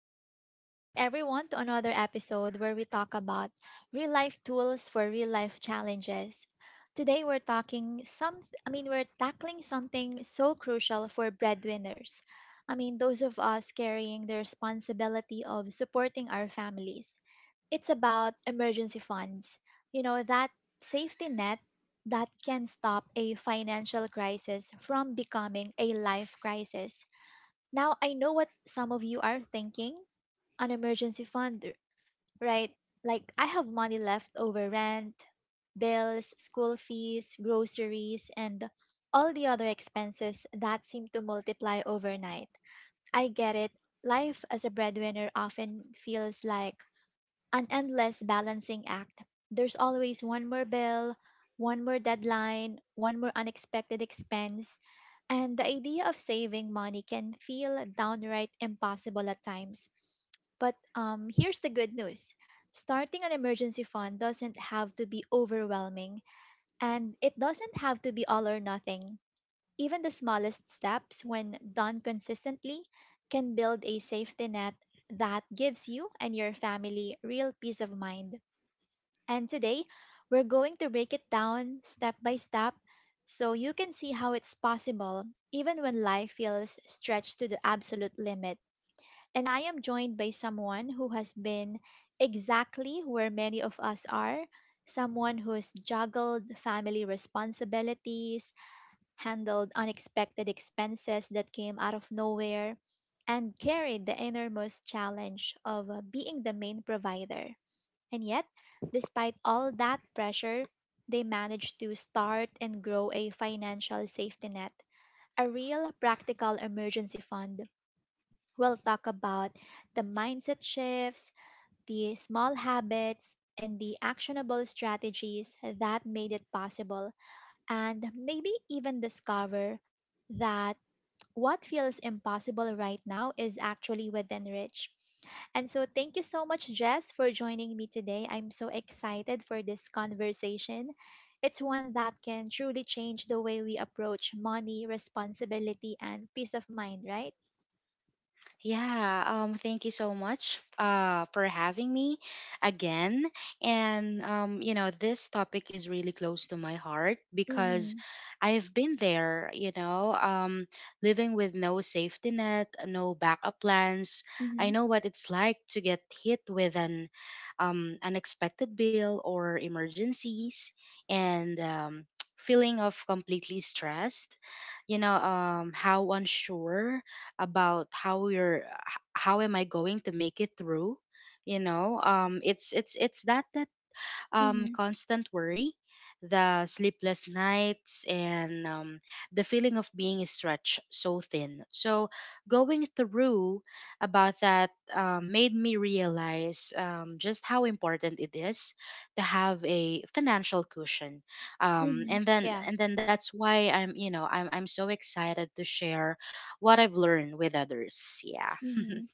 Hi, welcome back everyone to another episode where we talk about real life tools for real life challenges. Today we're talking some I mean we're tackling something so crucial for breadwinners. I mean those of us carrying the responsibility of supporting our families. It's about emergency funds. You know that safety net that can stop a financial crisis from becoming a life crisis. Now, I know what some of you are thinking an emergency fund, right? Like I have money left over rent, bills, school fees, groceries, and all the other expenses that seem to multiply overnight. I get it. Life as a breadwinner often feels like an endless balancing act. There's always one more bill, one more deadline, one more unexpected expense, and the idea of saving money can feel downright impossible at times. But here's the good news starting an emergency fund doesn't have to be overwhelming, and it doesn't have to be all or nothing. Even the smallest steps, when done consistently, can build a safety net that gives you and your family real peace of mind. And today, we're going to break it down step by step so you can see how it's possible even when life feels stretched to the absolute limit. And I am joined by someone who has been exactly where many of us are someone who's juggled family responsibilities, handled unexpected expenses that came out of nowhere, and carried the innermost challenge of being the main provider. And yet, despite all that pressure, they managed to start and grow a financial safety net, a real practical emergency fund. We'll talk about the mindset shifts, the small habits, and the actionable strategies that made it possible, and maybe even discover that what feels impossible right now is actually within reach. And so, thank you so much, Jess, for joining me today. I'm so excited for this conversation. It's one that can truly change the way we approach money, responsibility, and peace of mind, right? Yeah, Thank you so much for having me again. And this topic is really close to my heart Mm-hmm. because I've been there, living with no safety net, no backup plans. I Mm-hmm. know what it's like to get hit with an unexpected bill or emergencies and feeling of completely stressed, how unsure about how how am I going to make it through. You know it's that Mm-hmm. Constant worry, the sleepless nights, and the feeling of being stretched so thin. So, going through about that made me realize just how important it is to have a financial cushion. Mm-hmm. Yeah. And then that's why I'm, you know, I'm so excited to share what I've learned with others. Yeah, Mm-hmm.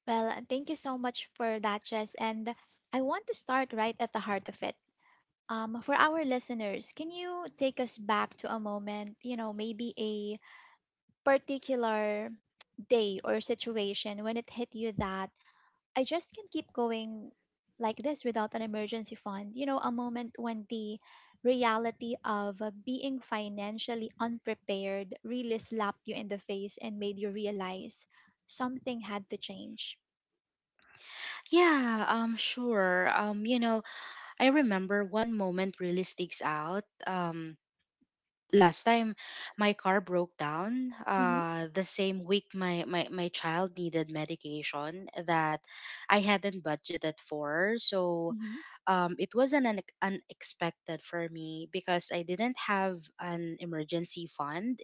Well, thank you so much for that, Jess. And I want to start right at the heart of it. For our listeners, can you take us back to a moment, you know, maybe a particular day or situation when it hit you that I just can't keep going like this without an emergency fund? You know, a moment when the reality of being financially unprepared really slapped you in the face and made you realize something had to change. yeah, sure. I remember one moment really sticks out. Last time my car broke down Mm-hmm. The same week my child needed medication that I hadn't budgeted for. So Mm-hmm. It was an, un unexpected for me because I didn't have an emergency fund,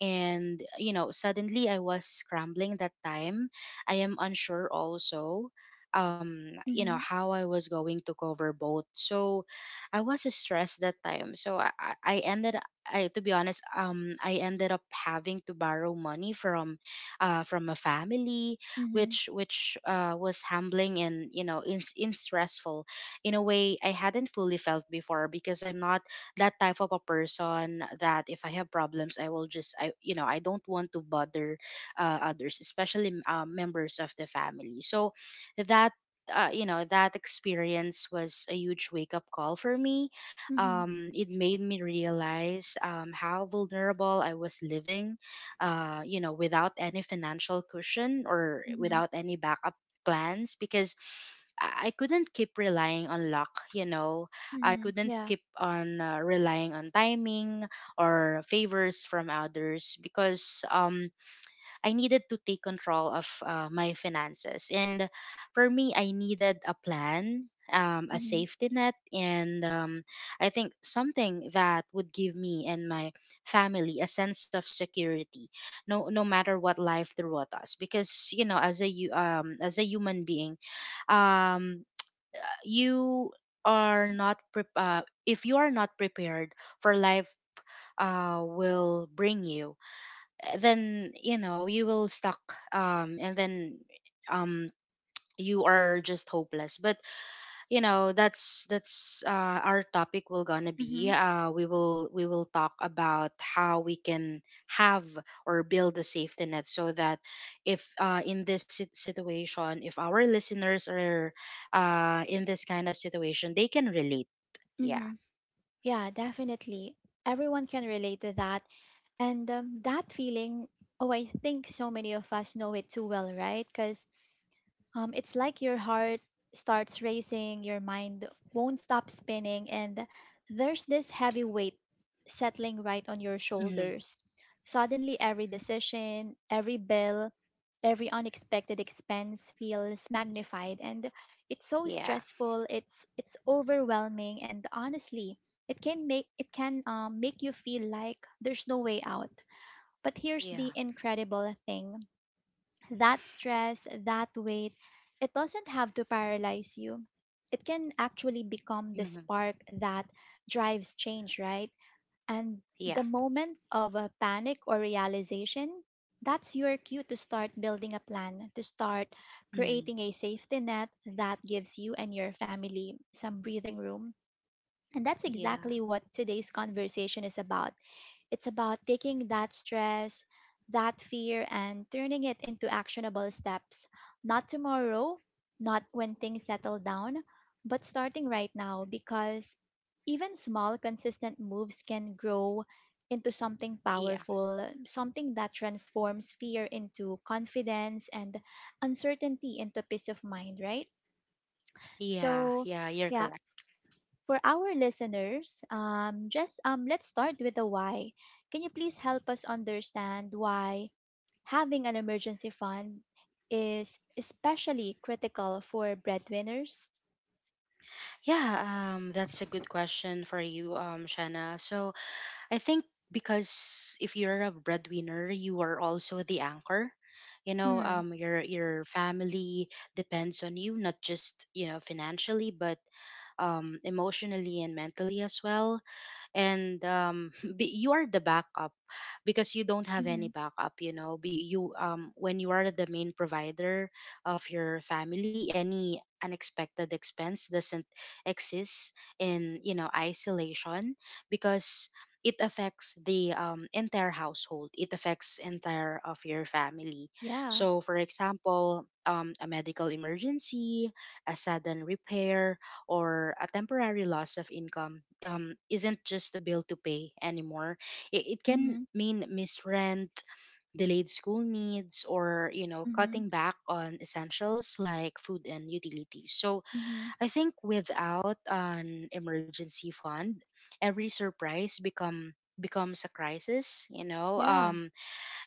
and you know suddenly I was scrambling that time. I am unsure also, you Mm-hmm. know, how I was going to cover both. So I was stressed that time. To be honest, I ended up having to borrow money from a family, Mm-hmm. which was humbling and you know in stressful, in a way I hadn't fully felt before, because I'm not that type of a person that if I have problems I will just I you know I don't want to bother others, especially members of the family. So that, that experience was a huge wake up call for me. Um, it made me realize how vulnerable I was living, without any financial cushion or Mm-hmm. without any backup plans, because I couldn't keep relying on luck, you know. I Mm-hmm. couldn't Yeah. keep on relying on timing or favors from others, because I needed to take control of my finances. And for me, I needed a plan, a Mm-hmm. safety net, and I think something that would give me and my family a sense of security, no, no matter what life threw at us. Because you know, as a as a human being, um, you are not pre- if you are not prepared for life, will bring you then you know you will stuck, and then um you are just hopeless. But you know that's our topic will gonna Mm-hmm. be, we will talk about how we can have or build a safety net, so that if in this situation, if our listeners are in this kind of situation, they can relate. Yeah. Yeah, definitely. Everyone can relate to that. And that feeling, oh, I think so many of us know it too well, right? Because it's like your heart starts racing, your mind won't stop spinning, and there's this heavy weight settling right on your Hmm. shoulders. Suddenly, every decision, every bill, every unexpected expense feels magnified, and it's so Yeah. stressful. It's overwhelming, and honestly, it can make you feel like there's no way out. But here's the Yeah. incredible thing that stress, that weight, it doesn't have to paralyze you. It can actually become the Hmm. spark that drives change, right? And Yeah. the moment of a panic or realization, that's your cue to start building a plan, to start Hmm. creating a safety net that gives you and your family some breathing room and that's exactly Yeah. what today's conversation is about. It's about taking that stress, that fear, and turning it into actionable steps. Not tomorrow, not when things settle down, but starting right now because even small, consistent moves can grow into something Yeah. powerful, something that transforms fear into confidence and uncertainty into peace of mind, right? Yeah, So, yeah, you're yeah, correct. for our listeners, just let's start with the why. Can you please help us understand why having an emergency fund is especially critical for breadwinners? Yeah, that's a good question for you, Shanna. So I think, because if you're a breadwinner, you are also the anchor. Mm, your family depends on you, not just you know financially, but emotionally and mentally as well. And you are the backup, because you don't have mm-hmm, any backup, you know be you when you are the main provider of your family, any unexpected expense doesn't exist in you know isolation, because it affects the entire household, it affects entire of your family. yeah. So for example a medical emergency, a sudden repair, or a temporary loss of income, isn't just a bill to pay anymore. It can Mm-hmm, mean missed rent, delayed school needs, or you know, mm-hmm, cutting back on essentials like food and utilities. So mm-hmm, I think without an emergency fund, every surprise becomes a crisis. Yeah.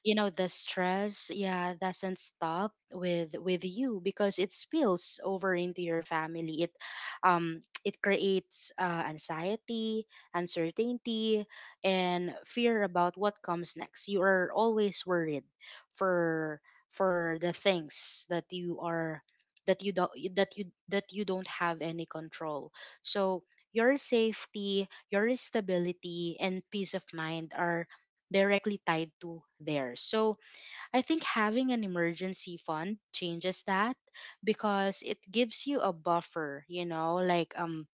You know, the stress, yeah, doesn't stop with you, because it spills over into your family. It it creates anxiety, uncertainty, and fear about what comes next. You are always worried for for the things that you don't have any control. So your safety, your stability, and peace of mind are directly tied to theirs. So I think having an emergency fund changes that, because it gives you a buffer, you know, like um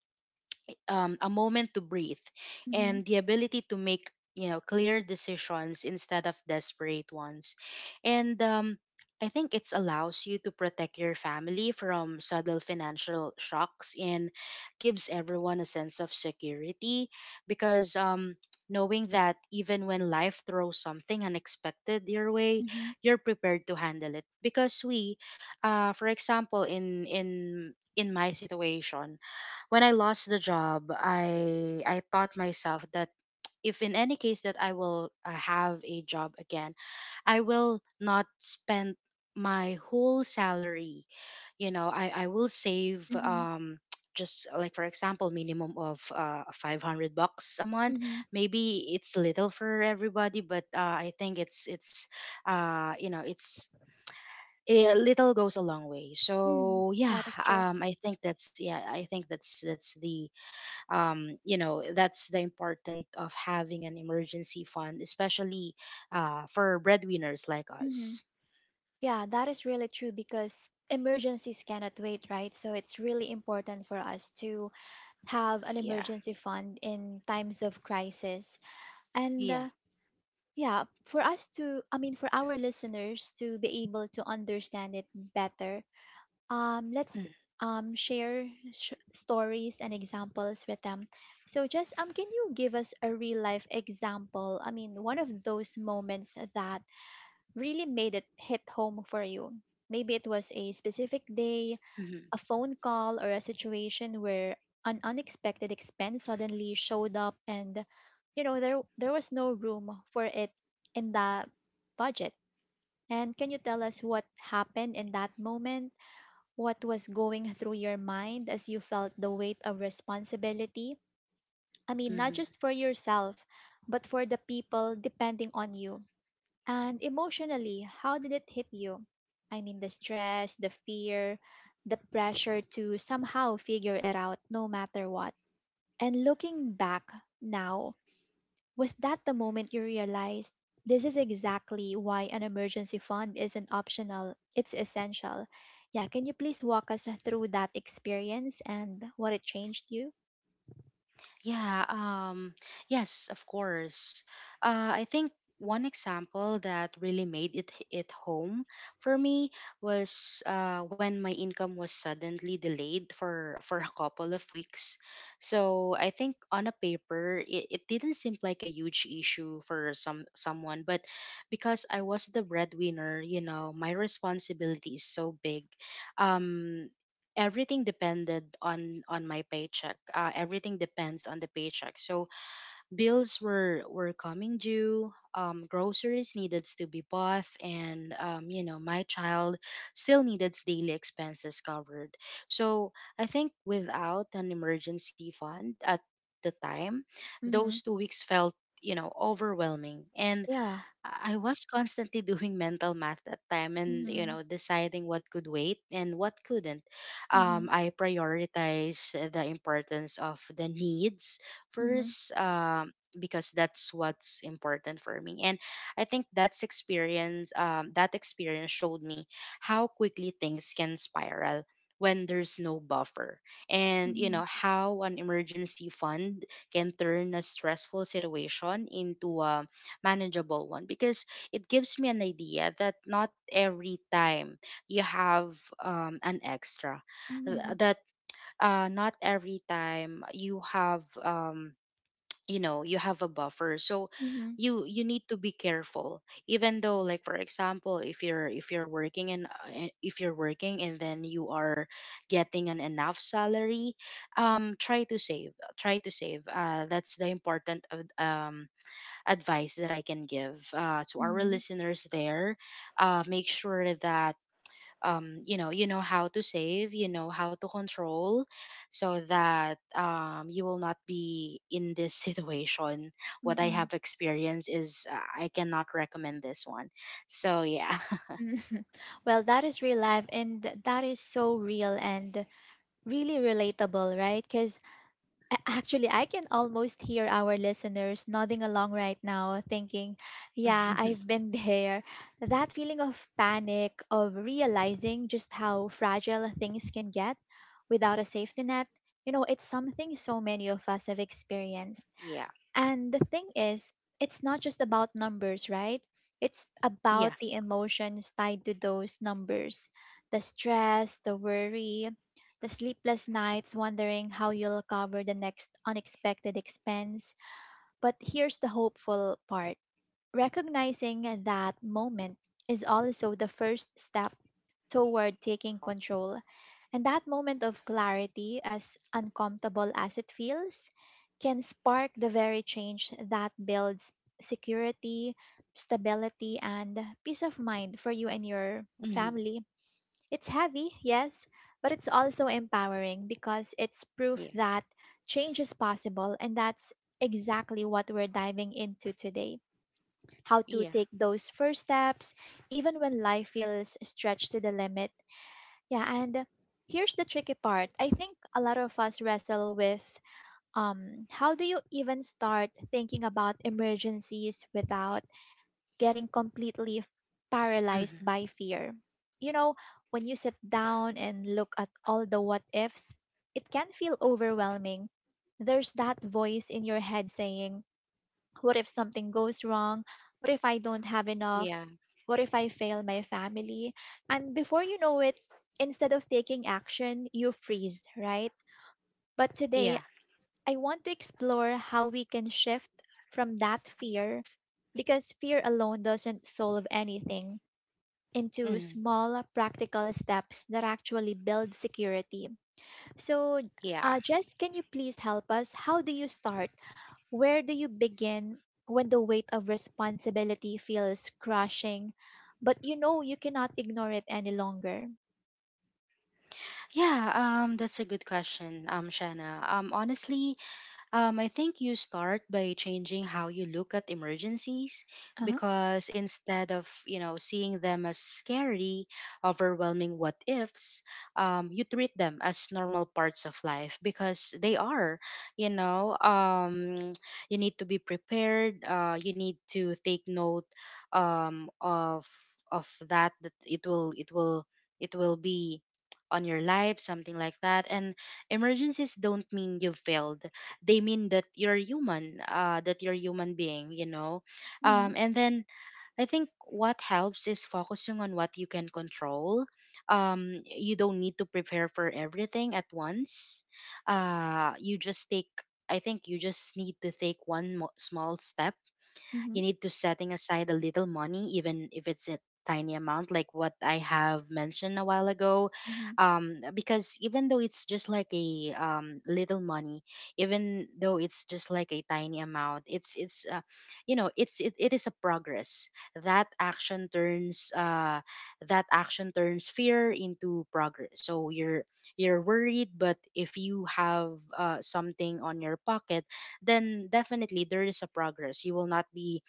um, a moment to breathe Mm-hmm, and the ability to make you know clear decisions instead of desperate ones. And I think it allows you to protect your family from subtle financial shocks, and gives everyone a sense of security, because knowing that even when life throws something unexpected your way, mm-hmm, you're prepared to handle it. Because we, for example, in my situation, when I lost the job, I thought myself that if in any case that I will have a job again, I will not spend my whole salary. You know, I will save, mm-hmm, just like for example minimum of $500 a month. mm-hmm, Maybe it's little for everybody, but I think it's you know it's, a, little goes a long way. mm-hmm. So yeah, That is true. I think that's yeah I think that's the importance of having an emergency fund, especially for breadwinners like Mm-hmm. us. Yeah, that is really true because emergencies cannot wait, right? So it's really important for us to have an Yeah. emergency fund in times of crisis. And Yeah. Yeah, for us to, I mean, for our listeners to be able to understand it better, let's share stories and examples with them. So, just can you give us a real life example? I mean, one of those moments that really made it hit home for you. Maybe it was a specific day, Mm-hmm. a phone call or a situation where an unexpected expense suddenly showed up and you know there was no room for it in the budget. And can you tell us what happened in that moment, what was going through your mind as you felt the weight of responsibility? I mean not just for yourself, but for the people depending on you. And emotionally, how did it hit you? I mean, the stress, the fear, the pressure to somehow figure it out no matter what. And looking back now, was that the moment you realized this is exactly why an emergency fund isn't optional, it's essential? Yeah, can you please walk us through that experience and what it changed you? Yeah, um, yes, of course. I think one example that really made it home for me was when my income was suddenly delayed for a couple of weeks. So I think on a paper, it didn't seem like a huge issue for someone, but because I was the breadwinner, you know, my responsibility is so big. Um, Everything depended on my paycheck. Everything depends on the paycheck. So bills were coming due, groceries needed to be bought, and you know, my child still needed daily expenses covered. So I think without an emergency fund at the time, Mhm. those two weeks felt, you know, overwhelming. And Yeah. I was constantly doing mental math that time, and you Mhm. know deciding what could wait and what couldn't. Mhm. I prioritize the importance of the needs Mhm. first, because that's what's important for me. And I think that's experience, that experience showed me how quickly things can spiral when there's no buffer, and you Mhm. know how an emergency fund can turn a stressful situation into a manageable one, because it gives me an idea that not every time you have an extra th- Mhm. that not every time you have, you have a buffer. So Mhm. you need to be careful. Even though like for example, if you're, if you're working and if you're working and then you are getting an enough salary, try to save, try to save. That's the important of, advice that I can give to our Mhm. listeners there. Make sure that you know, you know how to save, you know how to control, so that you will not be in this situation. Mhm. What I Mhm. have experienced is I cannot recommend this one. So yeah. Well, that is real life and that is so real and really relatable, right? Because actually, I can almost hear our listeners nodding along right now, thinking, yeah, I've been there. That feeling of panic, of realizing just how fragile things can get without a safety net, you know, it's something so many of us have experienced. Yeah, And the thing is, it's not just about numbers, right? It's about yeah. the emotions tied to those numbers the stress, the worry, the sleepless nights wondering how you'll cover the next unexpected expense. But here's the hopeful part recognizing that moment is also the first step toward taking control. And that moment of clarity, as uncomfortable as it feels, can spark the very change that builds security, stability, and peace of mind for you and your Hmm. family. It's heavy, yes, but it's also empowering because it's proof Yeah, that change is possible, and that's exactly what we're diving into today how to yeah. take those first steps even when life feels stretched to the limit. Yeah, and here's the tricky part. I think a lot of us wrestle with how do you even start thinking about emergencies without getting completely paralyzed Hmm. by fear? You know, when you sit down and look at all the what ifs, it can feel overwhelming. There's that voice in your head saying, what if something goes wrong? What if I don't have enough? Yeah, What if I fail my family? And before you know it, instead of taking action, you freeze, right? But today, yeah. I want to explore how we can shift from that fear, because fear alone doesn't solve anything, into Hmm. small, practical steps that actually build security. So, Yeah. Jess, can you please help us? How do you start? Where do you begin when the weight of responsibility feels crushing, but you know you cannot ignore it any longer? Yeah, that's a good question, Shanna. Honestly, I think you start by changing how you look at emergencies, Uh-huh. because instead of, you know, seeing them as scary, overwhelming what ifs, you treat them as normal parts of life, because they are. you know, um, you need to be prepared, you need to take note of that, it will, it will it will be on your life, something like that. And emergencies don't mean you've failed, they mean that you're human, that you're human being, you know. Mm-hmm. And then I think what helps is focusing on what you can control. You don't need to prepare for everything at once. You just take, I think you just need to take small step. Mm-hmm. You need to setting aside a little money, even if it's a tiny amount, like what I have mentioned a while ago, Mm-hmm. Because even though it's just like a little money, even though it's just like a tiny amount, it's you know it's, it is a progress. that action turns uh, that action turns fear into progress. So you're worried, but if you have something on your pocket, then definitely there is a progress. You will not be,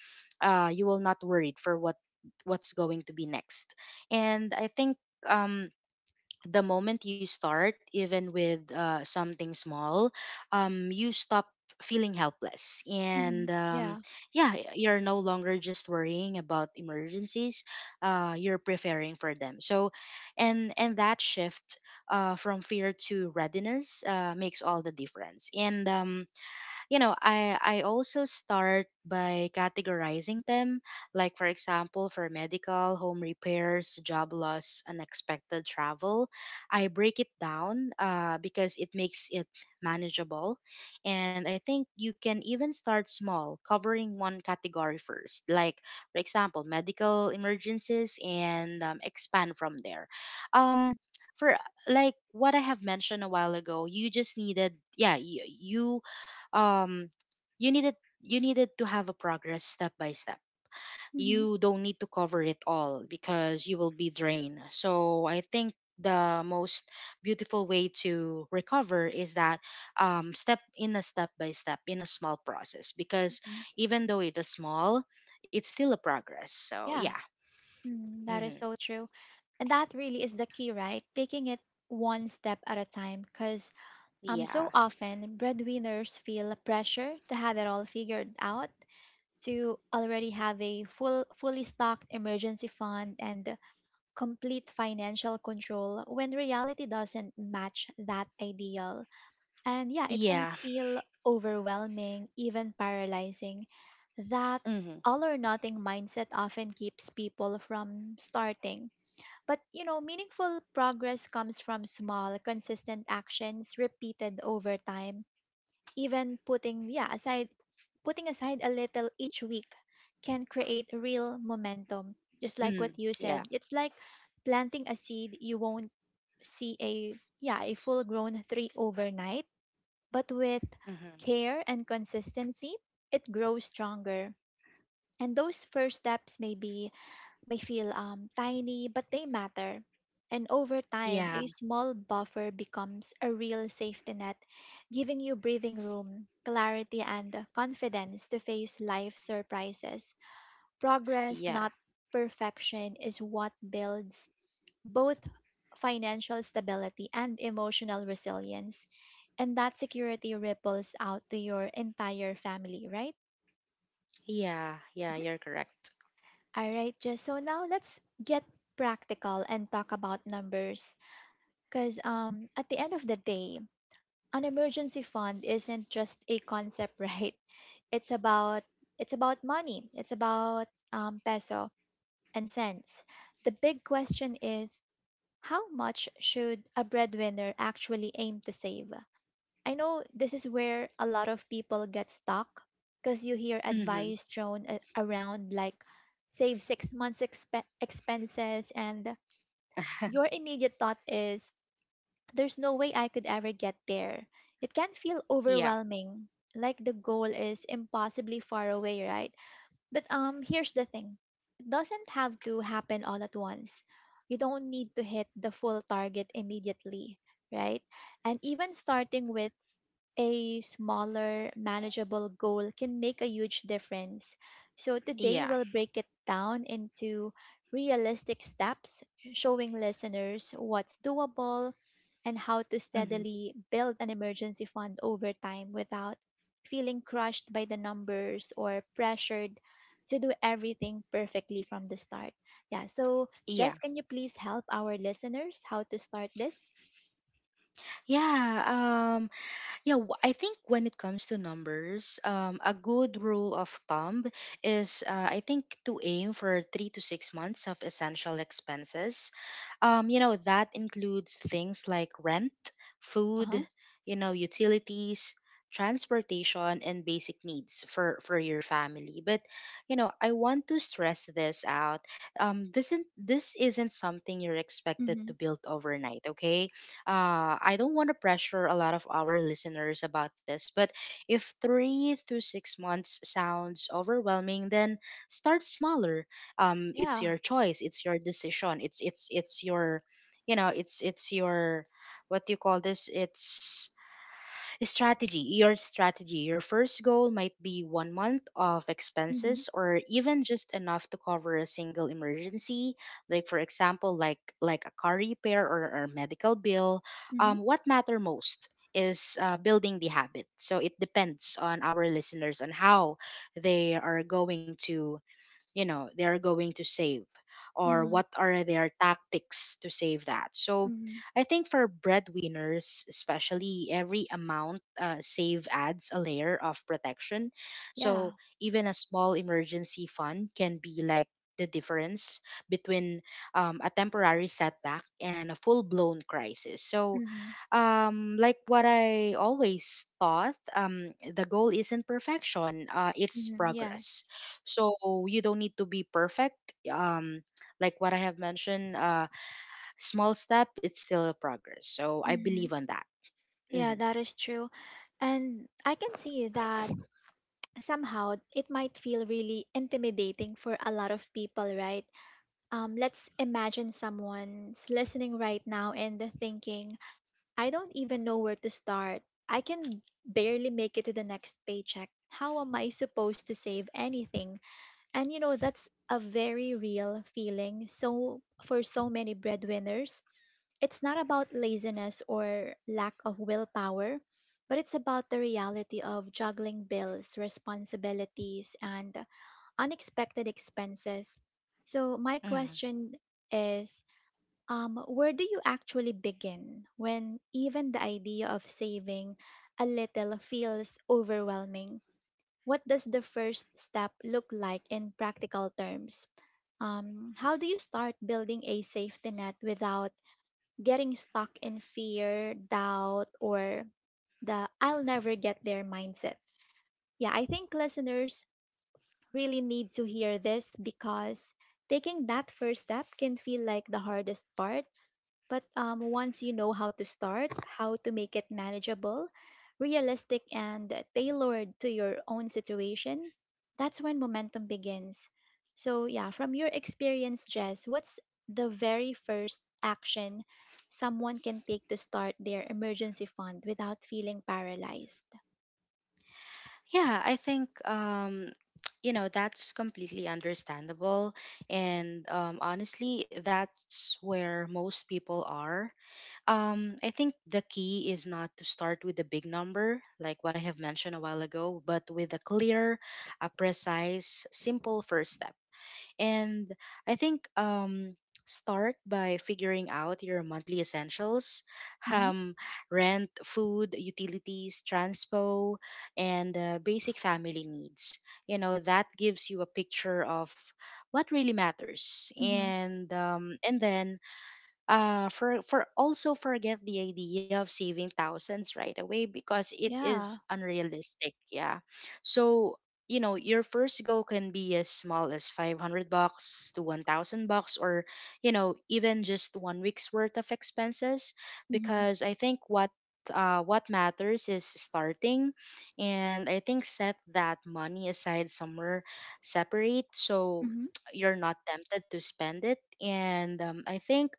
you will not worried for what, what's going to be next. And I think, um, the moment you start even with something small, you stop feeling helpless. Mm-hmm. And Yeah. Yeah, you're no longer just worrying about emergencies, you're preparing for them. So, and that shift from fear to readiness makes all the difference. And um, you know i i also start by categorizing them, like, for example, for medical, home repairs, job loss, unexpected travel. I break it down because it makes it manageable. And I think you can even start small, covering one category first, like, for example, medical emergencies, and expand from there. Um for Like what I have mentioned a while ago, you just needed, yeah, you um you needed you needed to have a progress step by step. Mm-hmm. You don't need to cover it all because you will be drained. So I think the most beautiful way to recover is that, step in a step by step in a small process, because Hmm. even though it is small, it's still a progress. So Yeah. yeah. Mm, that is Hmm. so true. And that really is the key, right? Taking it one step at a time because so Yeah, often breadwinners feel pressure to have it all figured out to already have a full fully stocked emergency fund and complete financial control when reality doesn't match that ideal. And yeah, it can yeah. feel overwhelming, even paralyzing. That Hmm. all or nothing mindset often keeps people from starting. But you know, meaningful progress comes from small, consistent actions repeated over time. Even putting, yeah, aside Putting aside a little each week can create real momentum. Just like what Hmm. you Yeah. said, it's like planting a seed. You won't see a yeah, a full-grown tree overnight, but with Hmm. care and consistency, it grows stronger. And those first steps may feel tiny, but they matter. And over time, a yeah small buffer becomes a real safety net, giving you breathing room, clarity, and confidence to face life surprises. Progress, yeah not perfection, is what builds both financial stability and emotional resilience. And that security ripples out to your entire family, right? yeah yeah you're correct. All right, Jess. So now let's get practical and talk about numbers. Because at the end of the day, an emergency fund isn't just a concept, right? It's about money. It's about peso and cents. The big question is how much should a breadwinner actually aim to save? I know this is where a lot of people get stuck because you hear Hmm. advice thrown around like save 6 months expenses, and your immediate thought is there's no way I could ever get there. It can feel Yeah. overwhelming, like the goal is impossibly far away, right? But here's the thing. It doesn't have to happen all at once. You don't need to hit the full target immediately, right? And even starting with a smaller, manageable goal can make a huge difference. So, today Yeah. we'll break it down into realistic steps, showing listeners what's doable and how to Hmm. steadily build an emergency fund over time without feeling crushed by the numbers or pressured to do everything perfectly from the start. Yeah, so Yeah. Jess, can you please help our listeners how to start this? Yeah. Um, Yeah, I think when it comes to numbers, a good rule of thumb is I think to aim for 3 to 6 months of essential expenses. You know, that includes things like rent, Uh food, huh. you know, utilities, transportation, and basic needs for your family. But, you know, I want to stress this out. This isn't something you're expected Hmm. to build overnight, okay? I don't want to pressure a lot of our listeners about this, but if 3 to 6 months sounds overwhelming, then start smaller. It's Yeah. your choice. It's your decision. It's your, you know, it's your, what do you call this? It's strategy, your strategy. Your first goal might be 1 month of Mm-hmm. expenses or even just enough to cover a single emergency, like, for example, like a car repair or a medical bill. Mm-hmm. What matter most is building the habit. So it depends on our listeners on how they are going to, you know, they are going to save, or Mm-hmm. what are their tactics to save that. So Hmm. I think for breadwinners especially, every amount save adds a layer of protection. Yeah. So even a small emergency fund can be like the difference between, a temporary setback and a full blown crisis. So, Mm-hmm. Like what I always thought, the goal isn't perfection, it's Mm-hmm. Yeah. progress. So, you don't need to be perfect. Um, like what I have mentioned, small step, it's still a progress. So I Mm-hmm. believe on that. Yeah, Mhm. that is true. And I can see that somehow it might feel really intimidating for a lot of people, right? Let's imagine someone's listening right now and they're thinking, I don't even know where to start. I can barely make it to the next paycheck. How am I supposed to save anything? And you know, that's a very real feeling. So, for so many breadwinners, it's not about laziness or lack of willpower, but it's about the reality of juggling bills, responsibilities, and unexpected expenses. So, my Mm. question is where do you actually begin when even the idea of saving a little feels overwhelming? What does the first step look like in practical terms? How do you start building a safety net without getting stuck in fear, doubt, or the I'll never get there mindset? Yeah, I think listeners really need to hear this because taking that first step can feel like the hardest part, but once you know how to start, how to make it manageable, realistic, and tailored to your own situation, that's when momentum begins. So, yeah, from your experience, Jess, what's the very first action someone can take to start their emergency fund without feeling paralyzed? Yeah, I think you know, that's completely understandable, and honestly, that's where most people are. I think the key is not to start with a big number, like what I have mentioned a while ago, but with a clear, a precise, simple first step. And I think start by figuring out your monthly essentials, Mm-hmm. um rent, food, utilities, transpo, and basic family needs. You know, that gives you a picture of what really matters. Mm-hmm. And then for also forget the idea of saving thousands right away, because it Yeah. is unrealistic, yeah. So you know, your first goal can be as small as 500 bucks to 1000 bucks, or you know, even just 1 week's worth of expenses. Mm-hmm. Because I think what, what matters is starting. And I think set that money aside somewhere separate so Mm-hmm. you're not tempted to spend it. And I think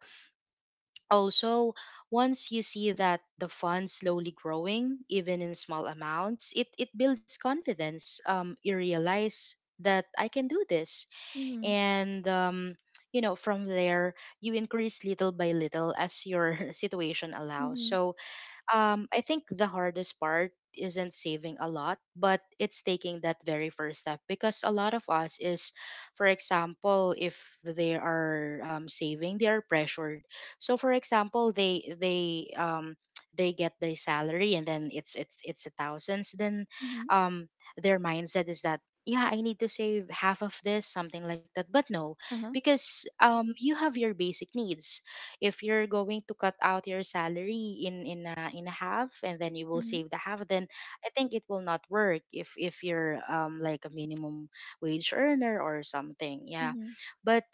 also, once you see that the fund slowly growing, even in small amounts, it builds confidence. You realize that I can do this. Mm-hmm. And, you know, from there, you increase little by little as your situation allows. Mm-hmm. So, I think the hardest part isn't saving a lot, but it's taking that very first step. Because a lot of us is, for example, if they are saving, they are pressured. So, for example, they get the salary and then it's a thousands. Then, Mm-hmm. um, their mindset is that, yeah, I need to save half of this, something like that. But no, Uh-huh. because you have your basic needs. If you're going to cut out your salary in a half and then you will Mm-hmm. save the half, then I think it will not work if you're like a minimum wage earner or something, yeah. Mm-hmm. But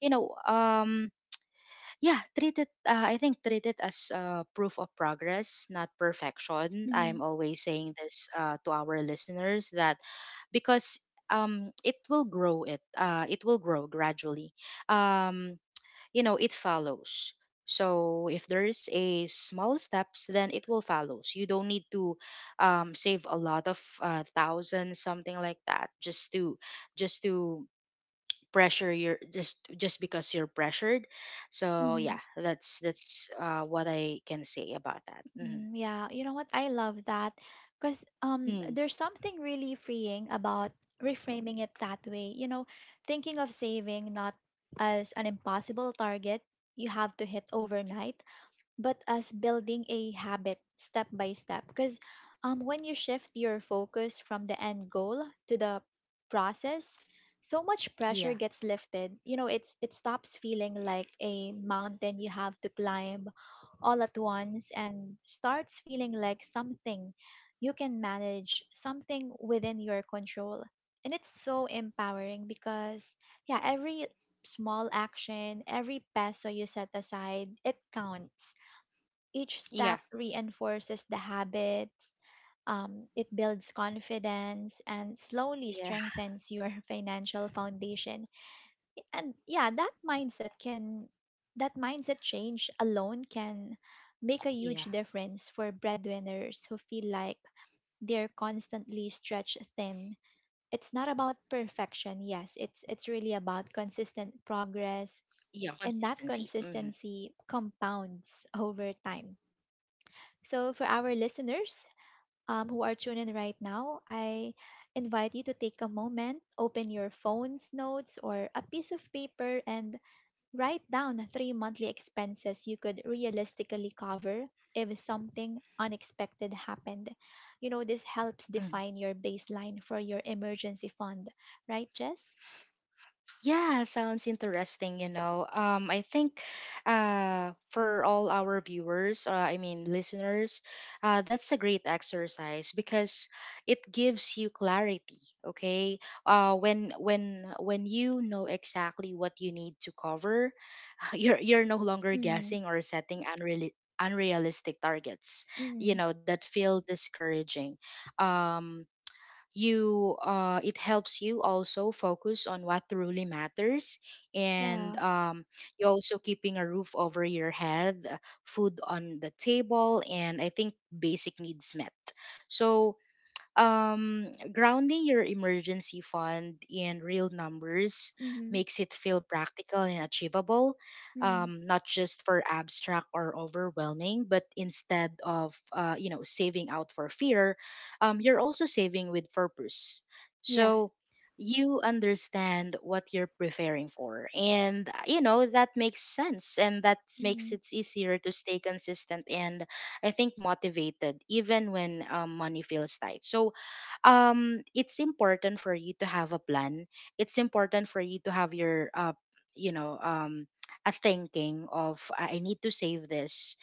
you know, yeah, treat it, I think treat it as proof of progress, not perfection. Mm-hmm. I'm always saying this to our listeners that, because it will grow. It will grow gradually. Um, you know, it follows. So if there's a small steps, then it will follows. You don't need to save a lot of thousands, something like that, just to, just to pressure your, just because you're pressured. So Mm-hmm. yeah, that's what I can say about that. Hmm. Mm, yeah, you know what? I love that because Mm. there's something really freeing about reframing it that way. You know, thinking of saving not as an impossible target you have to hit overnight, but as building a habit step by step, because when you shift your focus from the end goal to the process, so much pressure Yeah. gets lifted. It stops feeling like a mountain you have to climb all at once, and starts feeling like something you can manage, something within your control. And it's so empowering, because yeah, every small action, every peso you set aside, it counts. Each Yeah. step reinforces the habits, it builds confidence, and slowly yeah strengthens your financial foundation. And yeah, that mindset change alone can make a yeah huge difference for breadwinners who feel like they're constantly stretched thin. It's not about perfection, yes, it's really about consistent progress, yeah, and that consistency. Hmm. consistency compounds over time. So, for our listeners who are tuning in right now, I invite you to take a moment, open your phone's notes or a piece of paper, and write down three monthly expenses you could realistically cover if something unexpected happened. You know, this helps define your baseline for your emergency fund, right, Jess? Yeah, sounds interesting, you know. I think for all our viewers, I mean listeners, that's a great exercise, because it gives you clarity, okay? When you know exactly what you need to cover, you're no longer Mm, guessing or setting unreal, unrealistic targets, mm, you know, that feel discouraging. Um, you It helps you also focus on what truly matters, and yeah. You also keeping a roof over your head, food on the table, and I think basic needs met. So, um, grounding your emergency fund in real numbers Mm, makes it feel practical and achievable, mm, not just for abstract or overwhelming, but instead of you know, saving out for fear, you're also saving with purpose. yeah. So you understand what you're preparing for, and you know, that makes sense, and that makes Mm, it easier to stay consistent and, I think, motivated even when money feels tight. So it's important for you to have a plan. It's important for you to have your, you know, a thinking of, I need to save this,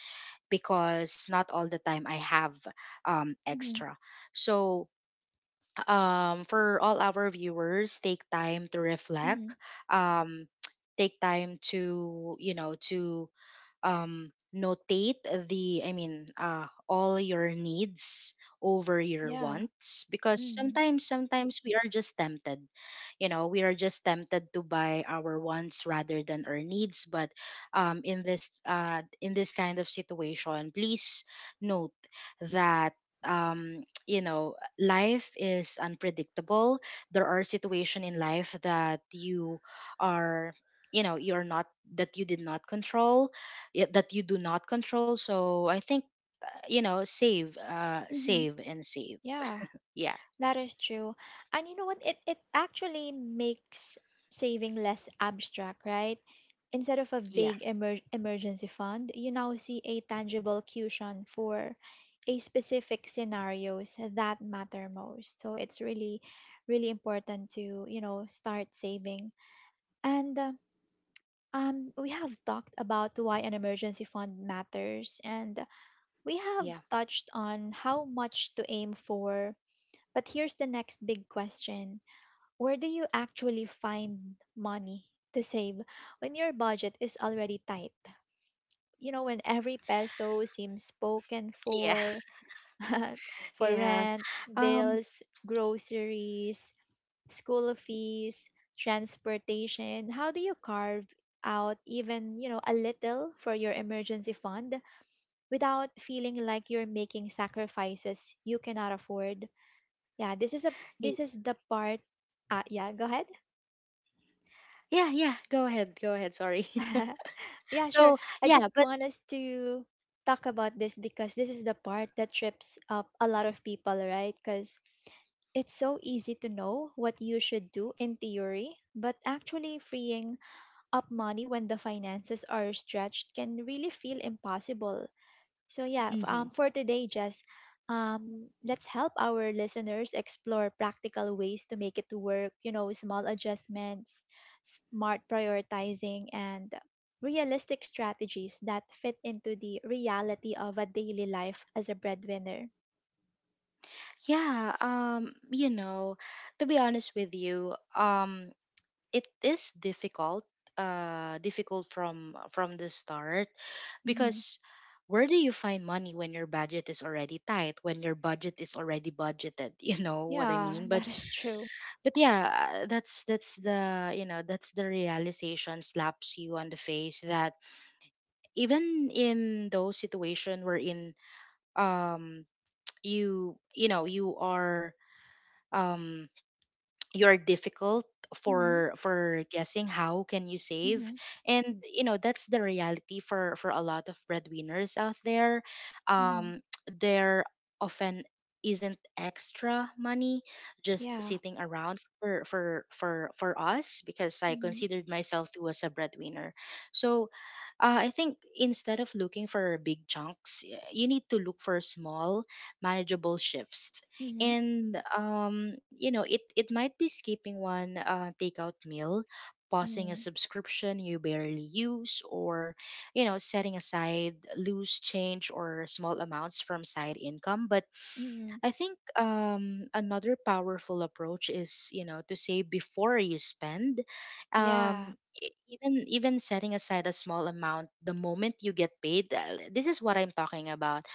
because not all the time I have mm, extra. So for all our viewers, take time to mm, reflect, um, take time to, you know, to notate the, I mean, all your needs over your yeah. wants, because Mm, sometimes, sometimes we are just tempted, you know, we are just tempted to buy our wants rather than our needs. But in this kind of situation, please note that you know, life is unpredictable. There are situations in life that you are, you know, you're not, that you did not control, that you do not control. So I think, you know, save, mm, save and save. yeah. Yeah, That is true. And you know what? It actually makes saving less abstract, right? Instead of a yeah, vague emergency fund, you now see a tangible cushion for a specific scenarios that matter most. So it's really really important to, you know, start saving. And we have talked about why an emergency fund matters, and we have yeah, touched on how much to aim for, but here's the next big question: where do you actually find money to save when your budget is already tight? You know, when every peso seems spoken yeah. for, for Yeah. rent, um bills, groceries, school fees, transportation, how do you carve out even, you know, a little for your emergency fund without feeling like you're making sacrifices you cannot afford? Yeah, this y- is the part. Ah, yeah, go ahead. yeah, yeah, go ahead, go ahead, sorry. Yeah, sure. So I yeah, just but. want us to talk about this because this is the part that trips up a lot of people, right? Because it's so easy to know what you should do in theory, but actually freeing up money when the finances are stretched can really feel impossible. So yeah, Mhm. for today, Jess, let's help our listeners explore practical ways to make it to work. You know, small adjustments, smart prioritizing, and realistic strategies that fit into the reality of a daily life as a breadwinner. Yeah, you know, to be honest with you, it is difficult, difficult from the start. Hmm. Because where do you find money when your budget is already tight, when your budget is already budgeted? You know what I Yeah, mean. but that is true. but yeah, that's the, you know, that's the realization slaps you on the face, that even in those situation wherein, um you, you know, you are, um you're difficult Mm-hmm. for guessing how can you save. Mm-hmm. And you know, that's the reality for a lot of breadwinners out there. Mm-hmm. um there often isn't extra money just Yeah. sitting around for us, because I Mm-hmm. considered myself too as a breadwinner. So I think instead of looking for big chunks, you need to look for small, manageable shifts. Mm-hmm. And you know, it might be skipping one takeout meal, pausing a Mm-hmm. subscription you barely use, or you know, setting aside loose change or small amounts from side income. But Mm-hmm. I think another powerful approach is, you know, to save before you spend. Yeah. Even setting aside a small amount the moment you get paid. This is what I'm talking about.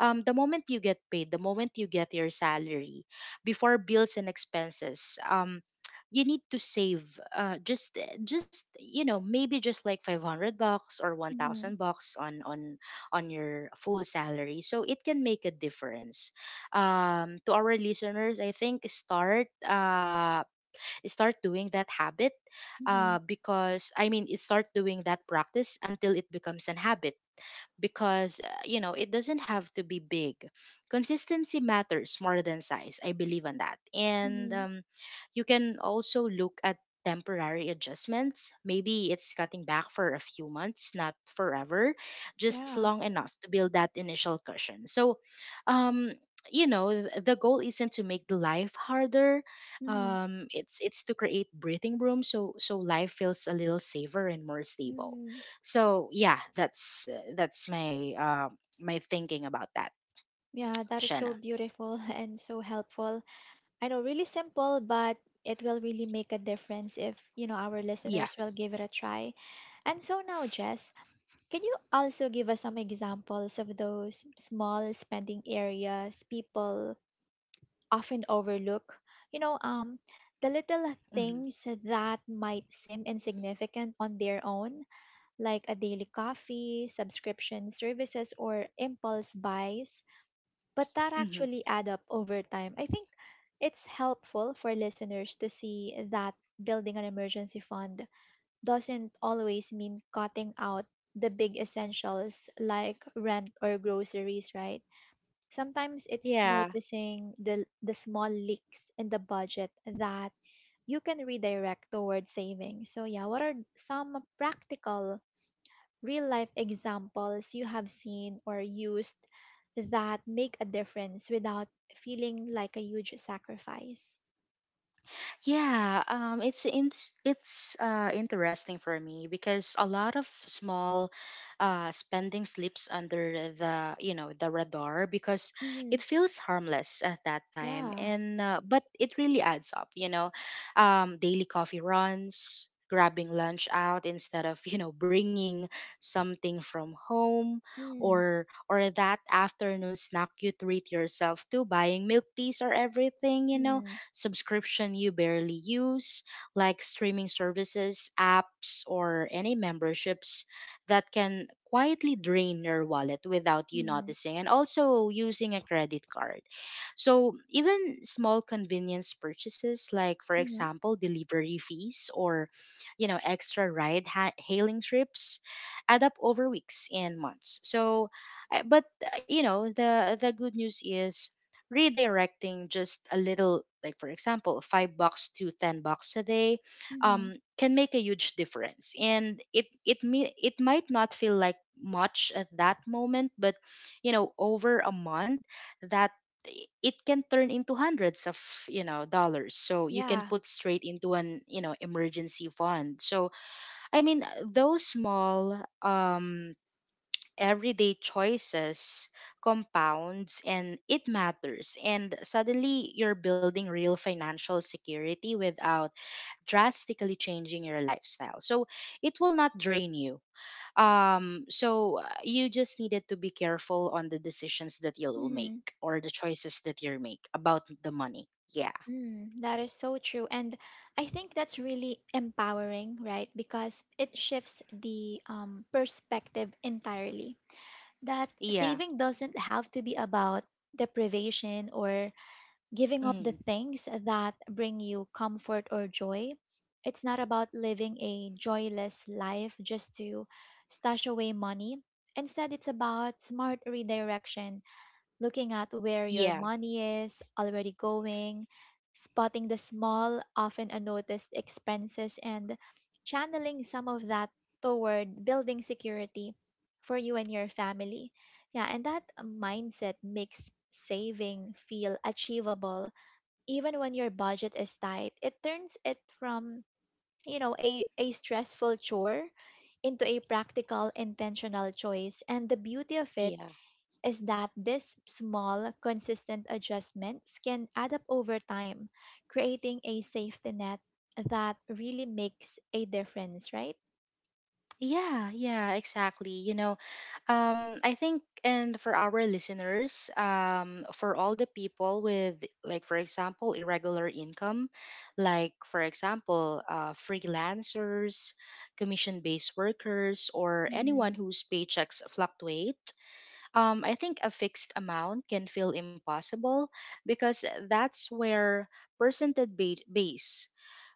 The moment you get paid, the moment you get your salary, before bills and expenses. You need to save just maybe just like 500 bucks or Mm-hmm. 1,000 bucks on on your full salary so it can make a difference to our listeners. I think start doing that habit, Mm-hmm. Because I mean it, start doing that practice until it becomes an habit, because it doesn't have to be big. Consistency matters more than size, I believe in that. And Mm-hmm. You can also look at temporary adjustments, maybe it's cutting back for a few months, not forever, just Yeah. long enough to build that initial cushion. So um the goal isn't to make the life harder, Mm-hmm. it's to create breathing room, so life feels a little safer and more stable. Mm-hmm. So yeah, that's my thinking about that, Yeah, that is so Shanna. beautiful and so helpful. I know, really simple, but it will really make a difference if, you know, our Yeah. listeners will give it a try. And so now, Jess, can you also give us some examples of those small spending areas people often overlook? You know, the little Hmm. things that might seem insignificant on their own, like a daily coffee, subscription services, or impulse buys, but that Hmm. actually add up over time. I think it's helpful for listeners to see that building an emergency fund doesn't always mean cutting out the big essentials like rent or groceries, right? Sometimes it's Yeah. noticing the small leaks in the budget that you can redirect towards savings. So yeah, what are some practical real life examples you have seen or used that make a difference without feeling like a huge sacrifice? Yeah, it's in, it's interesting for me because a lot of small spending slips under the the radar because it Mm, feels harmless at that time, yeah. and but it really adds up. You know, daily coffee runs, grabbing lunch out instead of bringing something from home, Mm. or that afternoon snack you treat yourself to, buying milk teas or everything. You know, Hmm. subscription you barely use, like streaming services, apps, or any memberships that can quietly drain your wallet without you Mm, noticing, and also using a credit card. So even small convenience purchases, like for hmm. example delivery fees or extra hailing trips, add up over weeks and months. So, I- but you know, the good news is redirecting just a little, like for example 5 bucks to 10 bucks a day, Mm-hmm, can make a huge difference. And it it me it might not feel like much at that moment, but you know, over a month, that it can turn into hundreds of dollars, so you can yeah. put straight into an emergency fund. So I mean, those small everyday choices compounds and it matters, and suddenly you're building real financial security without drastically changing your lifestyle. So it will not drain you. You just needed to be careful on the decisions that you'll make, Mm, or the choices that you make about the money. Yeah. mm, that is so true. And I think that's really empowering, right? Because it shifts the perspective entirely. That Yeah. saving doesn't have to be about deprivation or giving up the mm. things that bring you comfort or joy. It's not about living a joyless life just to stash away money. Instead, it's about smart redirection, looking at where your Yeah. money is already going, spotting the small, often unnoticed expenses, and channeling some of that toward building security for you and your family. Yeah, and that mindset makes saving feel achievable even when your budget is tight. It turns it from, you know, a stressful chore into a practical, intentional choice. And the beauty of it Yeah. is that these small, consistent adjustments can add up over time, creating a safety net that really makes a difference, right? Yeah, yeah, exactly. You know, I think, and for our listeners, for all the people with, like, for example, irregular income, like, for example, freelancers, commission based workers, or anyone Mm-hmm. whose paychecks fluctuate, I think a fixed amount can feel impossible, because that's where percentage base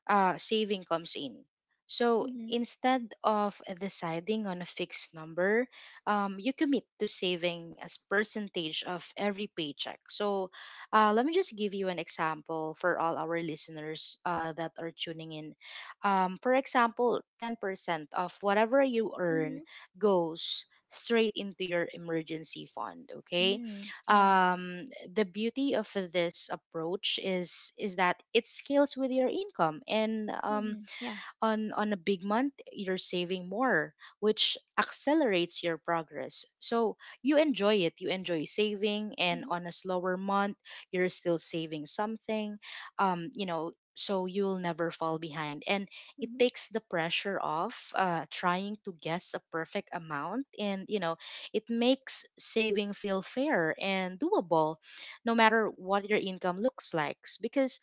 saving comes in. So Mm-hmm. instead of deciding on a fixed number, you commit to saving as percentage of every paycheck. So let me just give you an example for all our listeners that are tuning in. For example, 10% of whatever you Mm-hmm. earn goes straight into your emergency fund. Okay. Mm-hmm. Yeah. um, the beauty of this approach is that it scales with your income, and Mm-hmm. Yeah. on a big month you're saving more, which accelerates your progress, so you enjoy saving. And Mm-hmm. on a slower month you're still saving something, you know, so you'll never fall behind. And it Mm-hmm. takes the pressure off trying to guess a perfect amount, and you know, it makes saving feel fair and doable no matter what your income looks like. Because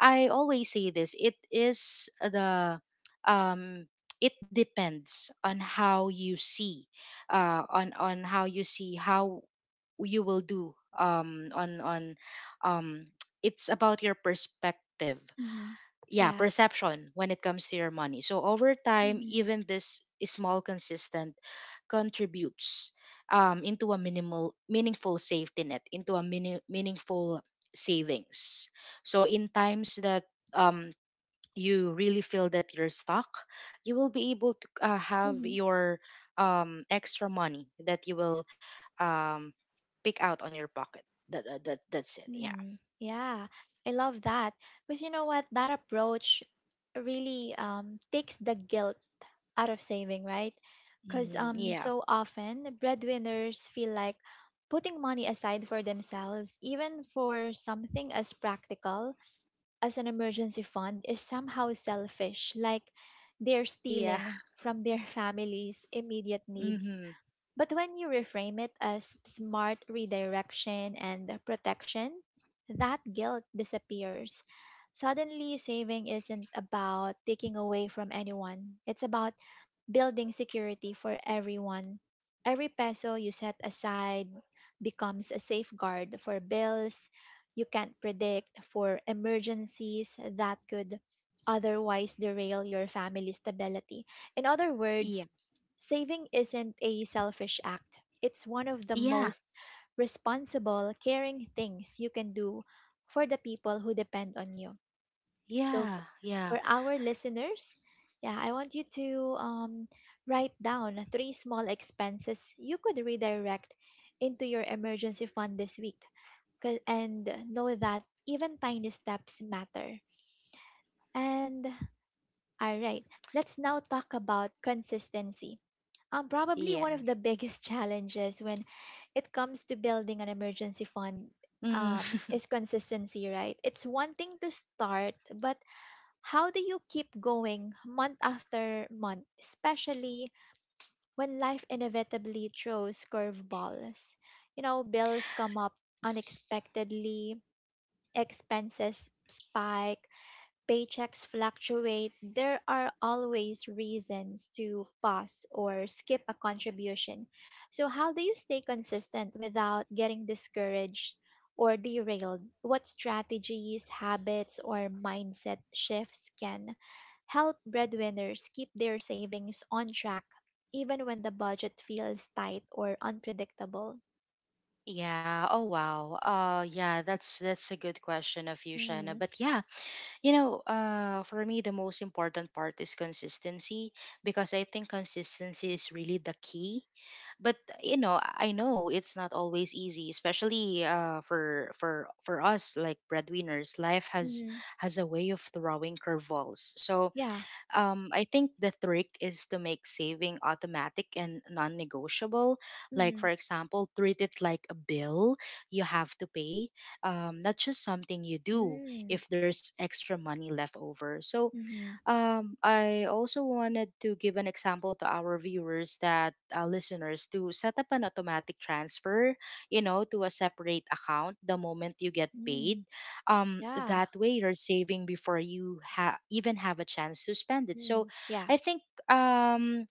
I always say this: it is the um it depends on how you see on how you see how you will do on um it's about your perspective, Mm-hmm. yeah, Yeah. perception, when it comes to your money. So over time, Mm-hmm. even this small consistent contributes into a minimal meaningful safety net into a mini- meaningful savings, so in times that um, you really feel that you're stuck, you will be able to have your extra money that you will um, pick out on your pocket. That's it. Yeah. Mm, yeah, I love that. Because you know what? That approach really takes the guilt out of saving, right? Because Mhm. Yeah. so often breadwinners feel like putting money aside for themselves, even for something as practical as an emergency fund, is somehow selfish. Like they're Yeah. stealing from their family's immediate needs, Hmm. but when you reframe it as smart redirection and protection, that guilt disappears. Suddenly, saving isn't about taking away from anyone, it's about building security for everyone. Every peso you set aside becomes a safeguard for bills you can't predict, for emergencies that could otherwise derail your family's stability. In other Yeah. words, saving isn't a selfish act. It's one of the Yeah. most responsible, caring things you can do for the people who depend on you. So, Yeah, for yeah, our listeners, yeah, I want you to write down three small expenses you could redirect into your emergency fund this week. And know that even tiny steps matter. And all right, let's now talk about consistency. Um, probably one of yeah. the biggest challenges when it comes to building an emergency fund Mm. Is consistency, right? It's one thing to start, but how do you keep going month after month, especially when life inevitably throws curveballs? You know, bills come up unexpectedly, expenses spike, paychecks fluctuate, there are always reasons to pause or skip a contribution. So, how do you stay consistent without getting discouraged or derailed? What strategies, habits, or mindset shifts can help breadwinners keep their savings on track even when the budget feels tight or unpredictable? yeah. Oh wow. Yeah, that's a good question of you, Shanna. Mm-hmm. But yeah, you know, for me the most important part is consistency, because I think consistency is really the key. But you know, I know it's not always easy, especially for us like breadwinners. Life Mm-hmm. has a way of throwing curveballs. So Yeah. I think the trick is to make saving automatic and non negotiable. Like, Mm-hmm. for example, treat it like a bill you have to pay, not just something you do Mm-hmm. if there's extra money left over. So, Mm-hmm. I also wanted to give an example to our viewers, that listeners, to set up an automatic transfer, you know, to a separate account the moment you get Mm-hmm. paid. Yeah. That way you're saving before you even have a chance to spend it. So Mm, yeah. I think,